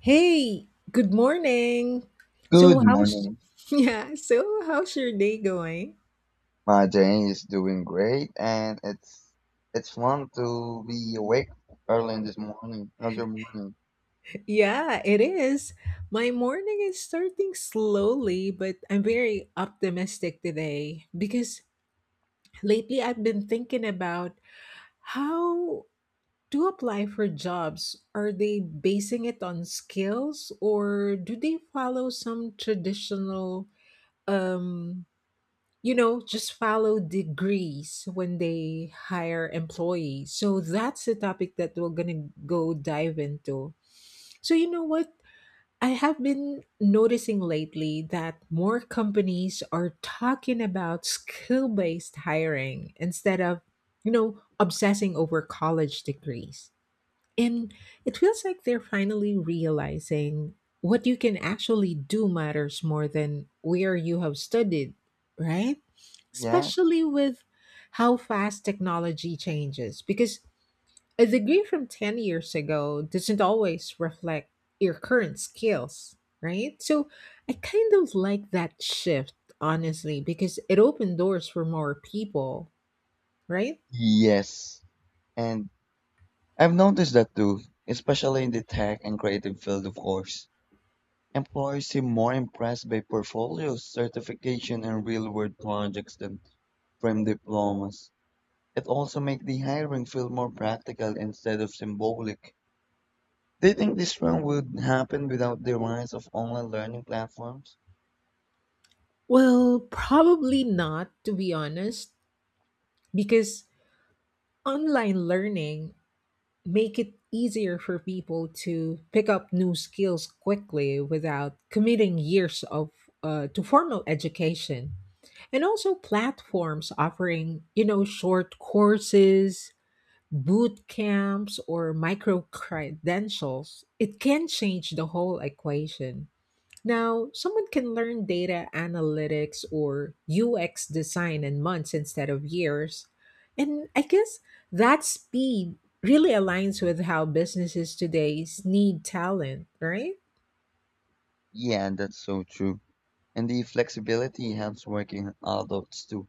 Hey, good morning. So Good how's morning. yeah, so how's your day going? My day is doing great, and it's fun to be awake early in this morning. How's your morning? Yeah, it is. My morning is starting slowly, but I'm very optimistic today because lately I've been thinking about how to apply for jobs. Are they basing it on skills or do they follow some traditional um just follow degrees when they hire employees? So that's the topic that we're gonna go dive into. So you know what? I have been noticing lately that more companies are talking about skill-based hiring instead of, obsessing over college degrees. And it feels like they're finally realizing what you can actually do matters more than where you have studied, right? Yes. Especially with how fast technology changes, because a degree from 10 years ago doesn't always reflect your current skills, right? So I kind of like that shift, honestly, because it opened doors for more people, right? Yes. And I've noticed that too, especially in the tech and creative field, of course. Employers seem more impressed by portfolios, certification, and real-world projects than from diplomas. It also makes the hiring feel more practical instead of symbolic. Do you think this trend would happen without the rise of online learning platforms? Well, probably not, to be honest, because online learning make it easier for people to pick up new skills quickly without committing years of to formal education. And also platforms offering, you know, short courses, boot camps or micro credentials. It can change the whole equation. Now, someone can learn data analytics or UX design in months instead of years. And I guess that speed really aligns with how businesses today need talent, right? Yeah, that's so true. And the flexibility helps working adults too.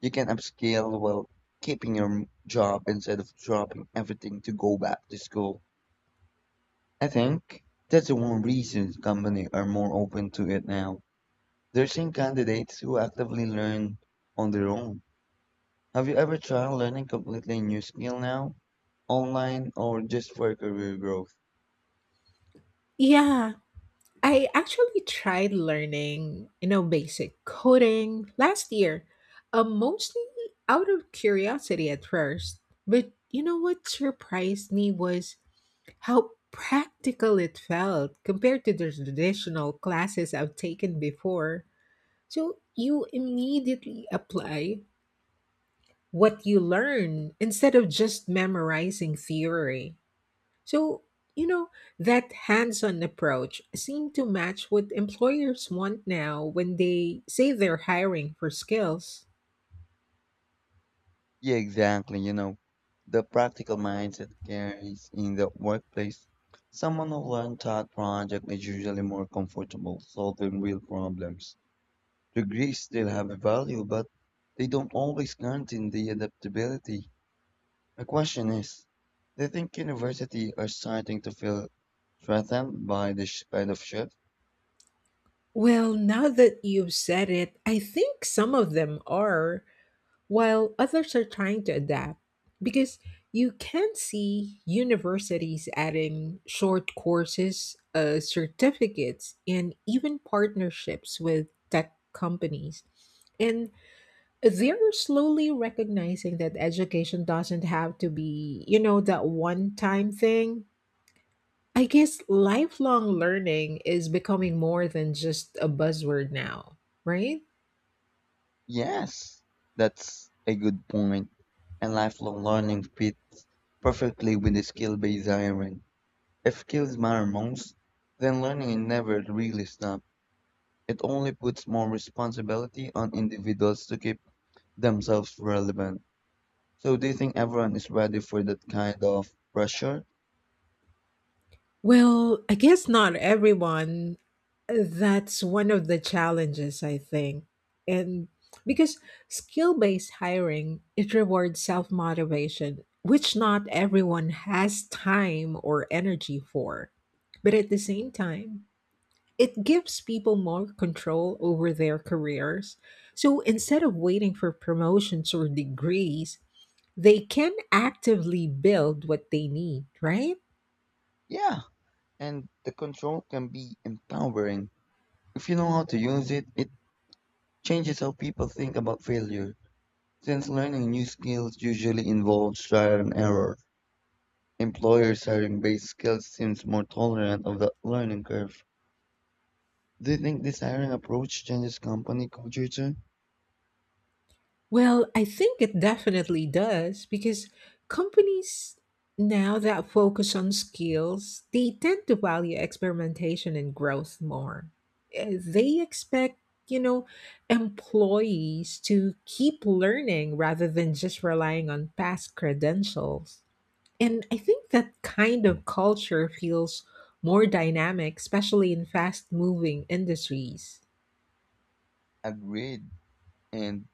You can upscale while keeping your job instead of dropping everything to go back to school. I think that's the one reason companies are more open to it now. They're seeing candidates who actively learn on their own. Have you ever tried learning completely new skill now, online or just for career growth? Yeah, I actually tried learning, you know, basic coding last year, mostly out of curiosity at first. But you know what surprised me was how practical it felt compared to the traditional classes I've taken before. So you immediately apply what you learn instead of just memorizing theory. So, you know, that hands on approach seemed to match what employers want now when they say they're hiring for skills. Yeah, exactly. You know, the practical mindset carries in the workplace. Someone who learns that project is usually more comfortable solving real problems. Degrees still have a value, but they don't always guarantee the adaptability. The question is, do you think university are starting to feel threatened by this kind of shift? Well, now that you've said it, I think some of them are, while others are trying to adapt because you can see universities adding short courses, certificates, and even partnerships with tech companies. And they're slowly recognizing that education doesn't have to be, you know, that one time thing. I guess lifelong learning is becoming more than just a buzzword now, right? Yes, that's a good point. And lifelong learning fits perfectly with the skill-based hiring. If skills matter most, then learning never really stops, it only puts more responsibility on individuals to keep themselves relevant. So do you think everyone is ready for that kind of pressure? Well, I guess not everyone. That's one of the challenges, I think. And because skill based hiring, it rewards self motivation, which not everyone has time or energy for. But at the same time, it gives people more control over their careers. So instead of waiting for promotions or degrees, they can actively build what they need, right? Yeah, and the control can be empowering. If you know how to use it, it changes how people think about failure. Since learning new skills usually involves trial and error, employers hiring based skills seems more tolerant of that learning curve. Do you think this hiring approach changes company culture too? Well, I think it definitely does because companies now that focus on skills, they tend to value experimentation and growth more. They expect, you know, employees to keep learning rather than just relying on past credentials. And I think that kind of culture feels more dynamic, especially in fast moving industries. Agreed. And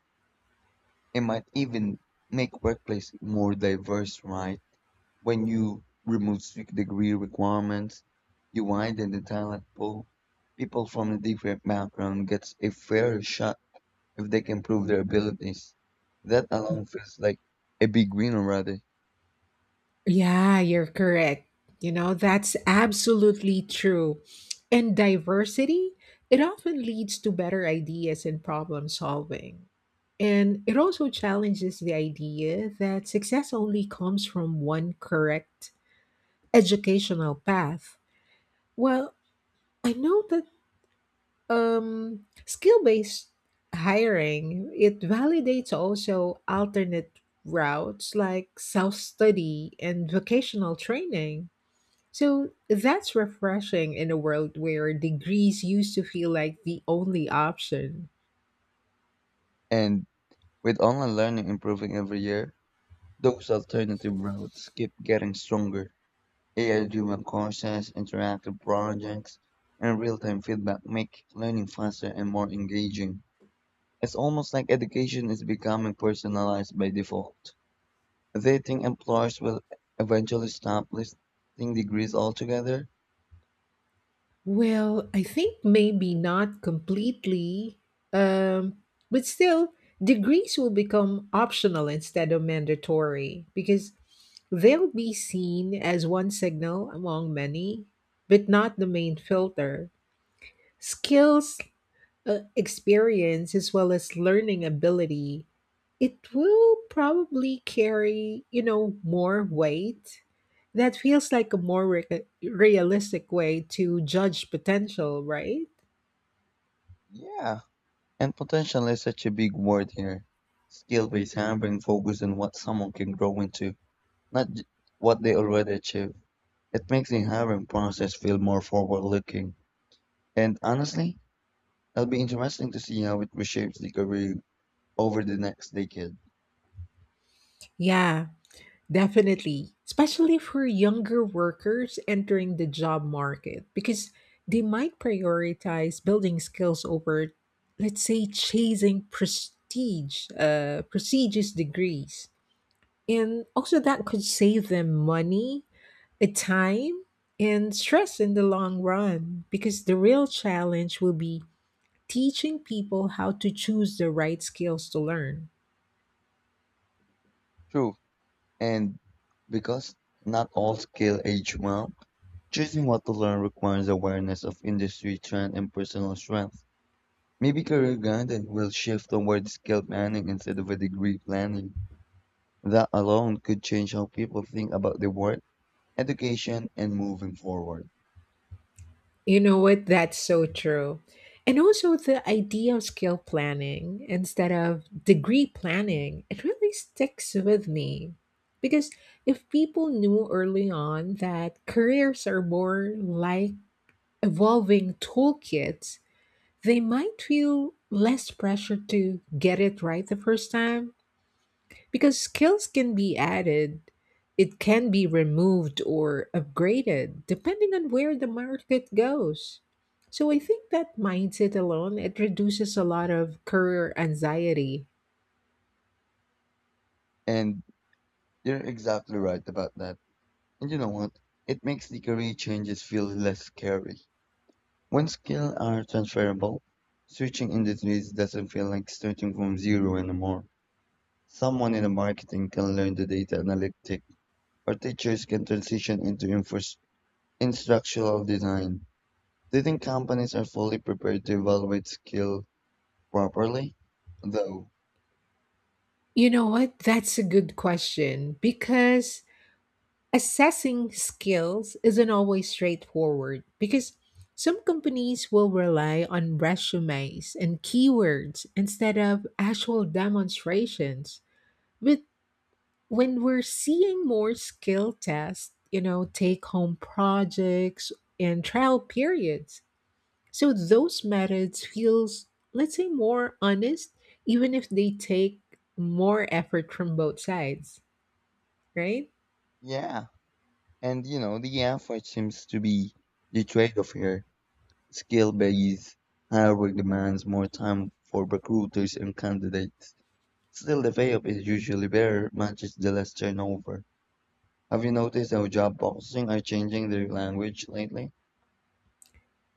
it might even make workplace more diverse, right? When you remove strict degree requirements, you widen the talent pool. People from a different background gets a fair shot if they can prove their abilities. That alone feels like a big win already. Yeah, you're correct. You know, that's absolutely true. And diversity, it often leads to better ideas and problem solving. And it also challenges the idea that success only comes from one correct educational path. Well, I know that skill-based hiring, it validates also alternate routes like self-study and vocational training. So that's refreshing in a world where degrees used to feel like the only option. And with online learning improving every year, those alternative routes keep getting stronger. AI-driven courses, interactive projects, and real-time feedback make learning faster and more engaging. It's almost like education is becoming personalized by default. Do you think employers will eventually stop listing degrees altogether? Well, I think maybe not completely, um, but still, degrees will become optional instead of mandatory because they'll be seen as one signal among many, but not the main filter. Skills, experience as well as learning ability, it will probably carry, more weight. That feels like a more realistic way to judge potential, right? Yeah, and potential is such a big word here. Skill-based hiring focuses on what someone can grow into, not what they already achieve. It makes the hiring process feel more forward-looking. And honestly, it'll be interesting to see how it reshapes the career over the next decade. Yeah, definitely. Especially for younger workers entering the job market, because they might prioritize building skills over, let's say, chasing prestige, prestigious degrees. And also, that could save them money, time, and stress in the long run because the real challenge will be teaching people how to choose the right skills to learn. True. And because not all skill age well, choosing what to learn requires awareness of industry trend and personal strength. Maybe career guidance will shift toward skill planning instead of a degree planning. That alone could change how people think about their work, education, and moving forward. You know what? That's so true. And also, the idea of skill planning instead of degree planning, it really sticks with me. Because if people knew early on that careers are more like evolving toolkits, they might feel less pressure to get it right the first time because skills can be added, it can be removed or upgraded depending on where the market goes. So I think that mindset alone it reduces a lot of career anxiety. And you're exactly right about that. And you know what? It makes the career changes feel less scary. When skills are transferable, switching industries doesn't feel like starting from zero anymore. Someone in the marketing can learn the data analytic, or teachers can transition into instructional design. Do you think companies are fully prepared to evaluate skill properly? Though, You know what? That's a good question because assessing skills isn't always straightforward because some companies will rely on resumes and keywords instead of actual demonstrations. But when we're seeing more skill tests, you know, take home projects and trial periods. So those methods feels, let's say, more honest even if they take more effort from both sides, right? yeah. And you know, the effort seems to be the trade-off here. Skill-based hiring demands more time for recruiters and candidates. Still the payoff is usually better, matches the less turnover. Have you noticed how job boxing are changing their language lately?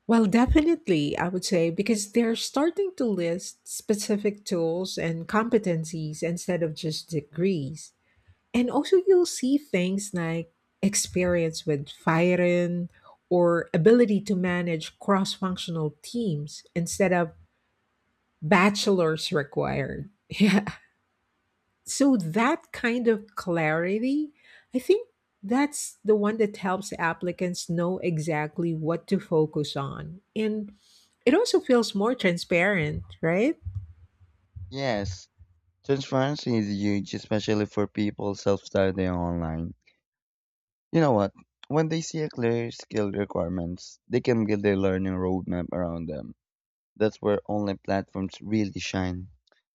Well, definitely, I would say, because they're starting to list specific tools and competencies instead of just degrees. And also, you'll see things like experience with firing or ability to manage cross functional teams instead of bachelor's required. Yeah, so that kind of clarity, I think that's the one that helps applicants know exactly what to focus on. And it also feels more transparent, right? Yes, transparency is huge, especially for people self-studying online. You know what? When they see a clear skill requirements, they can build their learning roadmap around them. That's where online platforms really shine.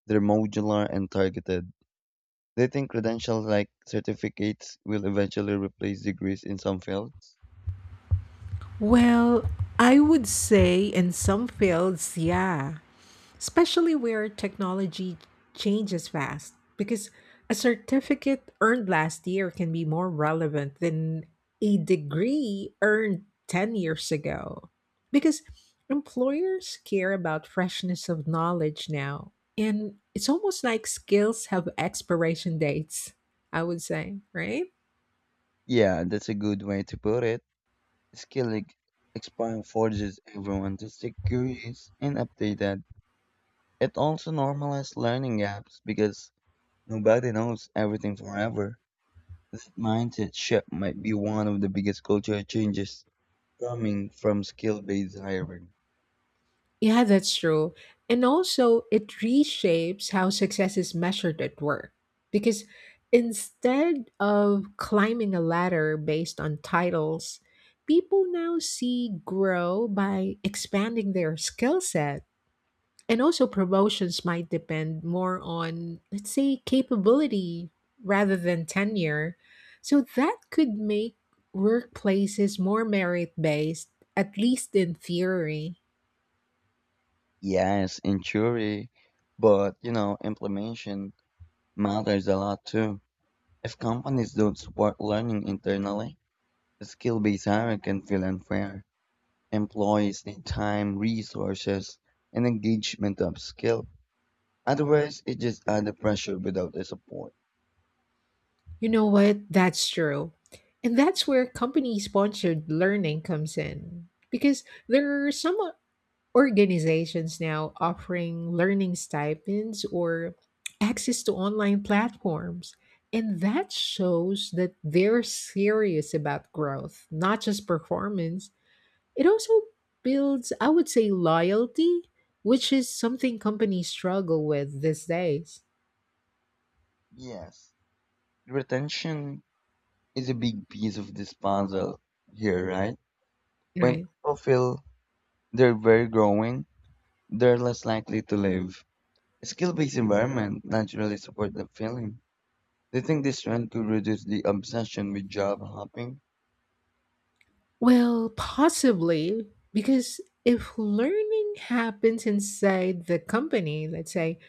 They're modular and targeted. They think credentials like certificates will eventually replace degrees in some fields. Well, I would say in some fields, yeah, especially where technology changes fast, because a certificate earned last year can be more relevant than a degree earned 10 years ago. Because employers care about freshness of knowledge now, and it's almost like skills have expiration dates, I would say, right? Yeah, that's a good way to put it. Skellig Explorer forces everyone to stay curious and updated. It also normalizes learning gaps because nobody knows everything forever. This mindset shift might be one of the biggest cultural changes coming from skill-based hiring. Yeah, that's true. And also, it reshapes how success is measured at work. Because instead of climbing a ladder based on titles, people now see grow by expanding their skill set. And also, promotions might depend more on, let's say, capability rather than tenure. So, that could make workplaces more merit based, at least in theory. Yes, in theory, but you know, implementation matters a lot too. If companies don't support learning internally, skill-based hiring can feel unfair. Employs the time, resources, and engagement of skill. Otherwise, it just adds pressure without the support. You know what? That's true. And that's where company sponsored learning comes in. Because there are some organizations now offering learning stipends or access to online platforms. And that shows that they're serious about growth, not just performance. It also builds, I would say, loyalty, which is something companies struggle with these days. Yes, retention is a big piece of this puzzle here, right? When Right. people feel they're very growing, they're less likely to leave. A skill-based environment naturally supports that feeling. They think this trend could reduce the obsession with job hopping, Well, possibly, because if learning happens inside the company, let's say,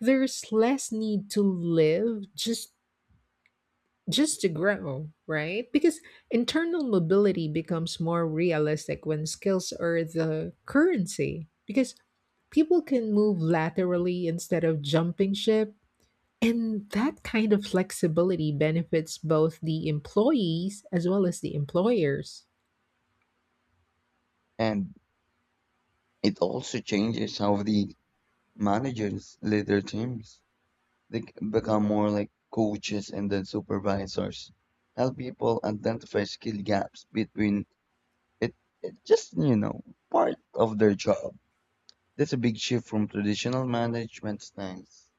there's less need to live just to grow, right? Because internal mobility becomes more realistic when skills are the currency. Because people can move laterally instead of jumping ship, and that kind of flexibility benefits both the employees as well as the employers. and it also changes how the managers lead their teams. They become more like coaches and then supervisors. Help people identify skill gaps between it, it just, you know, part of their job. That's a big shift from traditional management styles.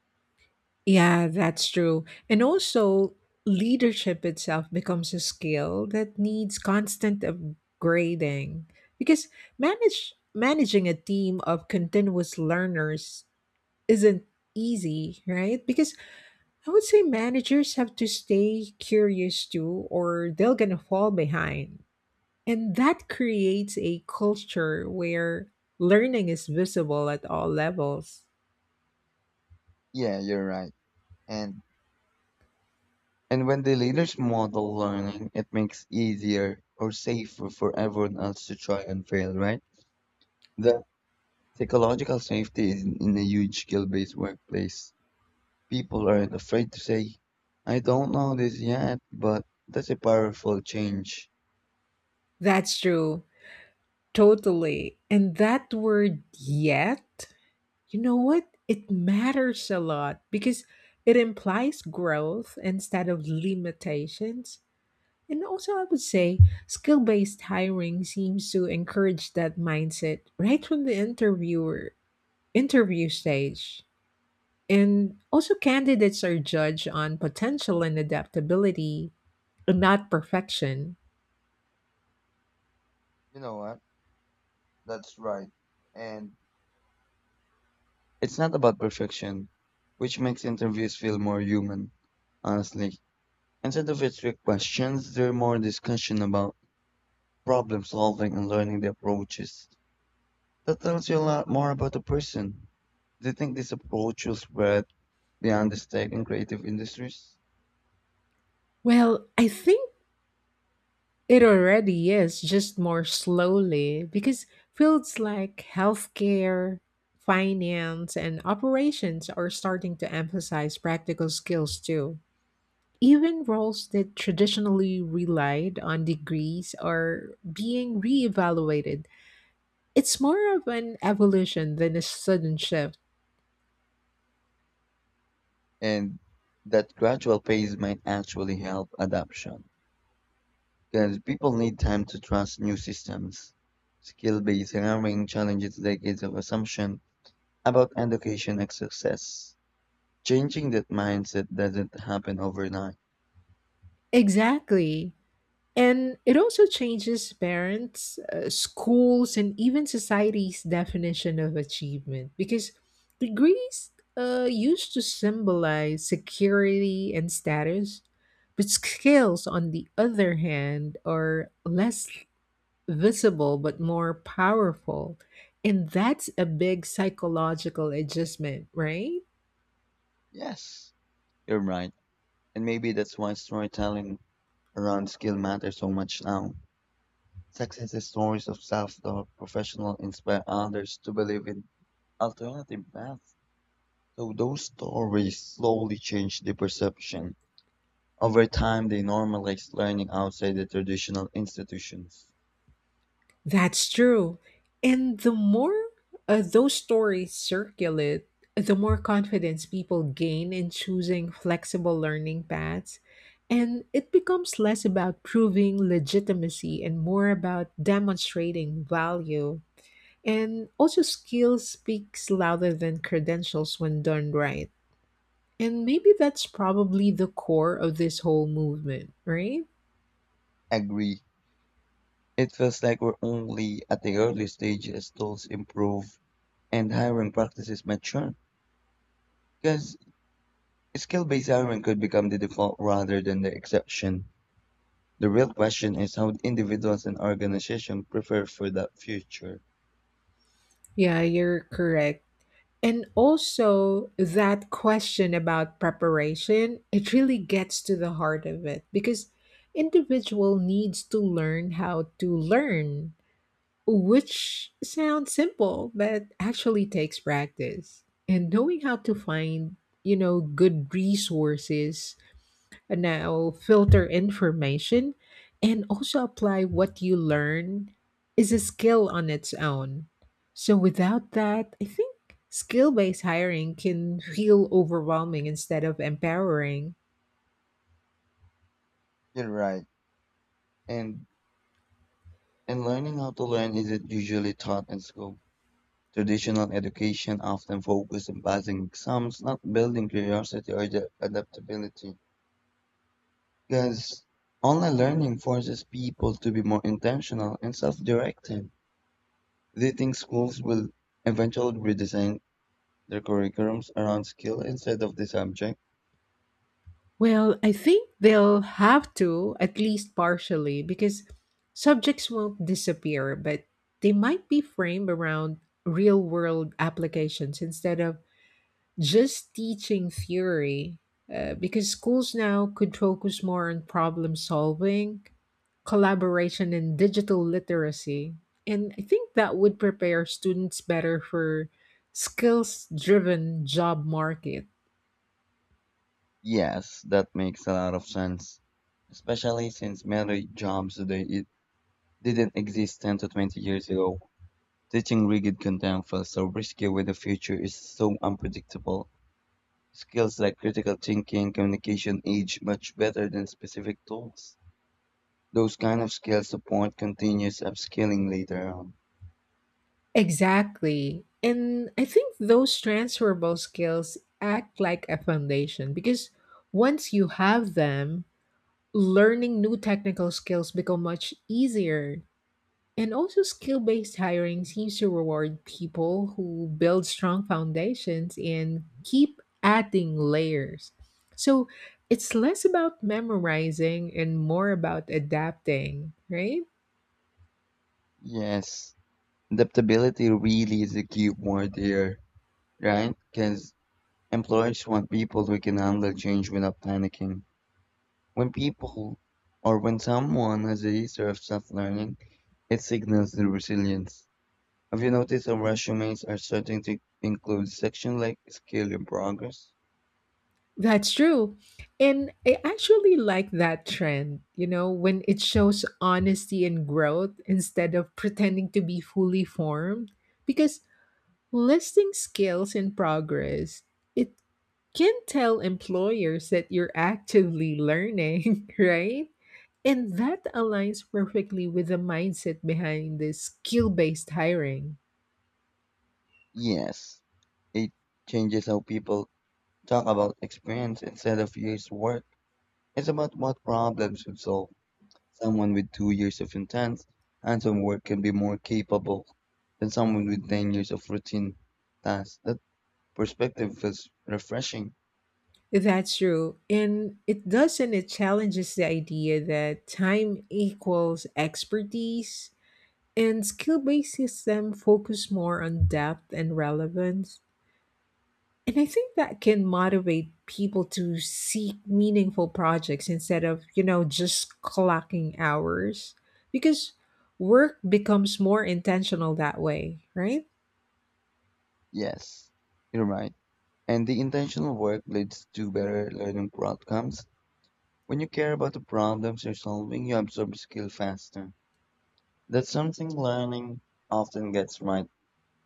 Yeah, that's true. And also, leadership itself becomes a skill that needs constant upgrading because manage managing a team of continuous learners isn't easy, right? Because I would say managers have to stay curious too, or they're gonna fall behind. And that creates a culture where learning is visible at all levels. Yeah, you're right. And And when the leaders model learning, it makes easier or safer for everyone else to try and fail, right? The psychological safety is in a huge skill-based workplace. People aren't afraid to say, I don't know this yet, but that's a powerful change. That's true. Totally. And that word yet, you know what? It matters a lot because it implies growth instead of limitations. And also, I would say skill based hiring seems to encourage that mindset right from the interview stage. And also, candidates are judged on potential and adaptability, not perfection. You know what? That's right. And it's not about perfection, which makes interviews feel more human, honestly. Instead of strict questions, they're more discussion about problem solving and learning the approaches. That tells you a lot more about a person. Do you think this approach will spread beyond the tech and creative industries? Well, I think it already is, just more slowly, because fields like healthcare, finance, and operations are starting to emphasize practical skills too. Even roles that traditionally relied on degrees are being reevaluated. It's more of an evolution than a sudden shift. And that gradual pace might actually help adoption. Because people need time to trust new systems. Skill based hiring challenges decades of assumption about education and success. Changing that mindset doesn't happen overnight. Exactly. And it also changes parents, schools, and even society's definition of achievement because degrees used to symbolize security and status, but skills, on the other hand, are less visible but more powerful. And that's a big psychological adjustment, right? Yes, you're right. And maybe that's why storytelling around skill matters so much now. Success is stories of self-taught professional inspire others to believe in alternative paths. So those stories slowly change the perception over time, they normalize learning outside the traditional institutions. That's true. And the more those stories circulate, the more confidence people gain in choosing flexible learning paths. And it becomes less about proving legitimacy and more about demonstrating value. And also, skill speaks louder than credentials when done right. And maybe that's probably the core of this whole movement, right? Agree. It feels like we're only at the early stage as tools improve and hiring practices mature. Because skill-based hiring could become the default rather than the exception. The real question is how individuals and organizations prepare for that future. Yeah, you're correct. And also, that question about preparation, it really gets to the heart of it because individual needs to learn how to learn, which sounds simple, but actually takes practice. And knowing how to find, you know, good resources and now filter information and also apply what you learn is a skill on its own. So without that, I think skill-based hiring can feel overwhelming instead of empowering. You're right. And and learning how to learn isn't usually taught in school. Traditional education often focuses on passing exams, not building curiosity or the adaptability. Because online learning forces people to be more intentional and self-directed. They think schools will eventually redesign their curriculums around skill instead of the subject. Well, I think they'll have to at least partially because subjects won't disappear, but they might be framed around real-world applications instead of just teaching theory, because schools now could focus more on problem solving, collaboration, and digital literacy. And I think that would prepare students better for skills driven job market. Yes, that makes a lot of sense, especially since many jobs today it didn't exist 10 to 20 years ago. Teaching rigid content feels so risky when the future is so unpredictable. Skills like critical thinking, communication age much better than specific tools. Those kind of skills support continuous upskilling later on. Exactly. And I think those transferable skills act like a foundation because once you have them, learning new technical skills become much easier. And also, skill based hiring seems to reward people who build strong foundations and keep adding layers. So it's less about memorizing and more about adapting, right? Yes, adaptability really is a key word here, right? Because employers want people who can handle change without panicking. When people or when someone has a history of self-learning, it signals the resilience. Have you noticed how resumes are starting to include sections like skill in progress? That's true. And I actually like that trend, you know, when it shows honesty and growth instead of pretending to be fully formed. Because listing skills and progress, it can tell employers that you're actively learning, right? And that aligns perfectly with the mindset behind this skill based hiring. Yes. It changes how people talk about experience instead of years' work. It's about what problems you solve. Someone with 2 years of intense, hands-on work can be more capable than someone with 10 years of routine tasks. That perspective is refreshing. That's true. And it doesn't, it challenges the idea that time equals expertise and skill based system focus more on depth and relevance. And I think that can motivate people to seek meaningful projects instead of, just clocking hours because work becomes more intentional that way, right? Yes, you're right. And the intentional work leads to better learning outcomes. When you care about the problems you're solving, you absorb skill faster. That's something learning often gets right.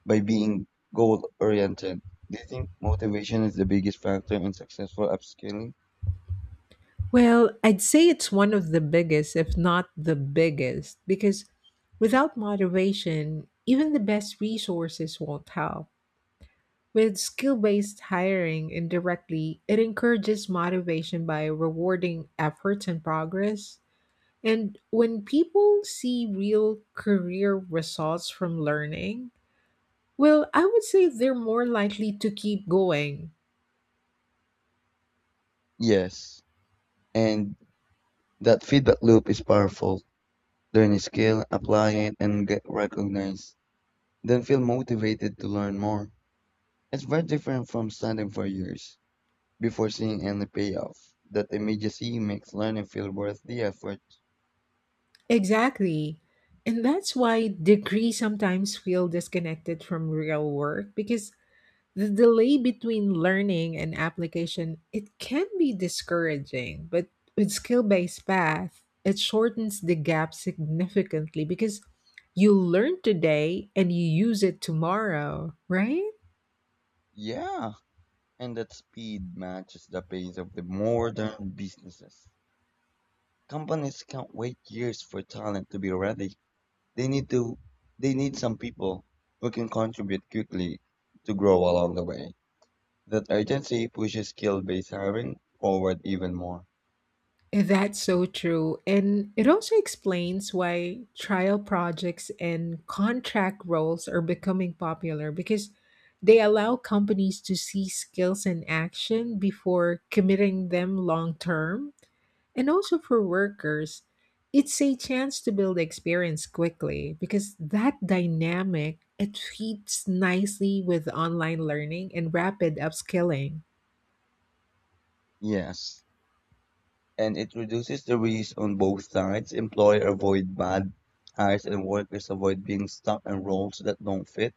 By being goal-oriented. Do you think motivation is the biggest factor in successful upskilling? Well, I'd say it's one of the biggest, if not the biggest, because without moderation, even the best resources won't help. With skill based hiring indirectly, it encourages motivation by rewarding efforts and progress. And when people see real career results from learning, well, I would say they're more likely to keep going. Yes. And that feedback loop is powerful. Learn a skill, apply it, and get recognized. Then feel motivated to learn more. It's very different from studying for years before seeing any payoff. That immediacy makes learning feel worth the effort. Exactly. And that's why degrees sometimes feel disconnected from real work because the delay between learning and application, it can be discouraging, but with skill-based path, it shortens the gap significantly because you learn today and you use it tomorrow, right? Yeah, and that speed matches the pace of the modern businesses. Companies can't wait years for talent to be ready. They need to they need some people who can contribute quickly to grow along the way. That urgency pushes skill-based hiring forward even more. That's so true. And it also explains why trial projects and contract roles are becoming popular because they allow companies to see skills in action before committing them long term. And also for workers, it's a chance to build experience quickly because that dynamic it fits nicely with online learning and rapid upskilling. Yes, and it reduces the risk on both sides. Employer avoid bad hires and workers avoid being stuck in roles that don't fit.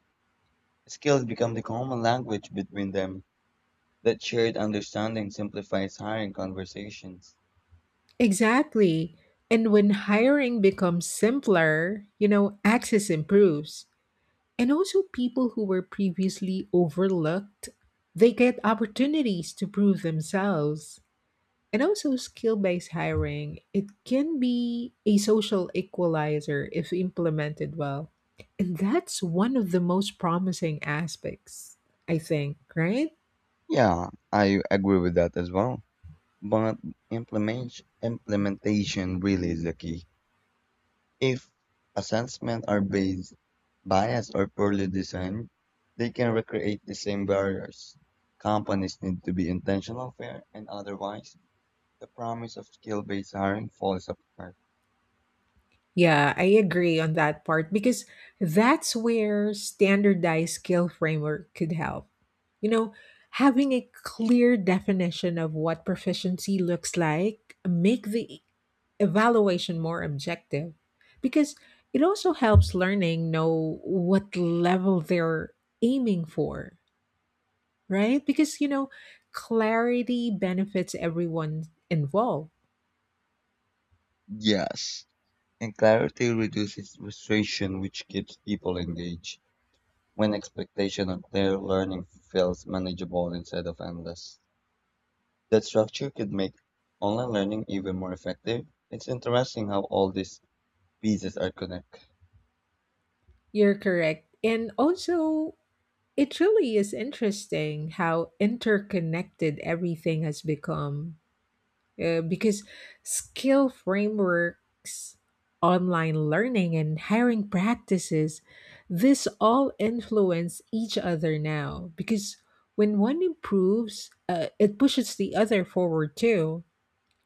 Skills become the common language between them. That shared understanding simplifies hiring conversations. Exactly. And when hiring becomes simpler, you know, access improves. And also people who were previously overlooked, they get opportunities to prove themselves. And also skill-based hiring, it can be a social equalizer if implemented well. And that's one of the most promising aspects, I think, right? Yeah, I agree with that as well. But implementation really is the key. If assessments are based, biased, or poorly designed, they can recreate the same barriers. Companies need to be intentional, fair, and otherwise, the promise of skill-based hiring falls apart. Yeah, I agree on that part because that's where standardized skill framework could help. You know, having a clear definition of what proficiency looks like make the evaluation more objective because it also helps learning know what level they're aiming for, right? Because you know, clarity benefits everyone involved. Yes, and clarity reduces frustration, which keeps people engaged. When expectation of their learning feels manageable instead of endless. That structure could make online learning even more effective. It's interesting how all these pieces are connected. You're correct. And also it really is interesting how interconnected everything has become, because skill frameworks, online learning, and hiring practices, this all influence each other now because when one improves, it pushes the other forward too.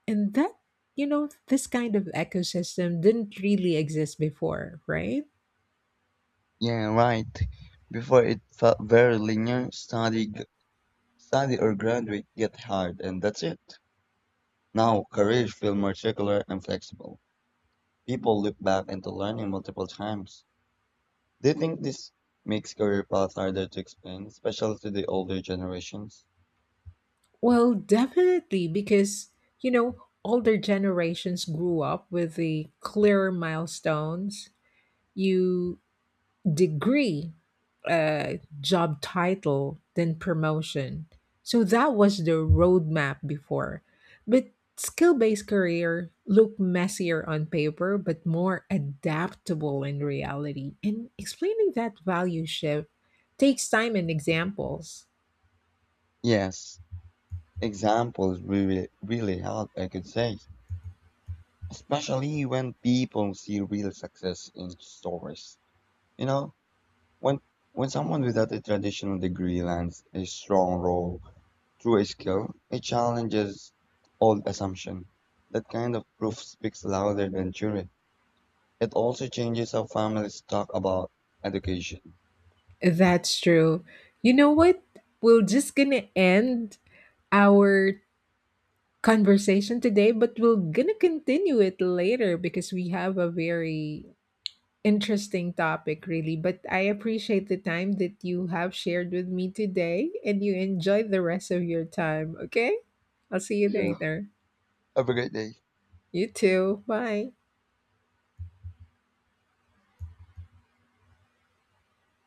And that, you know, this kind of ecosystem didn't really exist before, right? Yeah, right. Before it felt very linear, study or graduate, get hard, and that's it. Now, careers feel more circular and flexible. People look back into learning multiple times. Do you think this makes career paths harder to explain, especially to the older generations? Well, definitely, because, you know, older generations grew up with the clearer milestones. You degree, uh, job title, then promotion. So that was the roadmap before. But skill based career look messier on paper, but more adaptable in reality. And explaining that value shift takes time and examples. Yes, examples really, really help, I could say. Especially when people see real success in stories. You know, when when someone without a traditional degree lands a strong role through a skill, it challenges old assumption. That kind of proof speaks louder than jury. It also changes how families talk about education. That's true. You know what? We're just gonna end our conversation today, but we're gonna continue it later because we have a very interesting topic, really. But I appreciate the time that you have shared with me today, and you enjoy the rest of your time, okay? I'll see you Yeah. later. Have a great day. You too. Bye.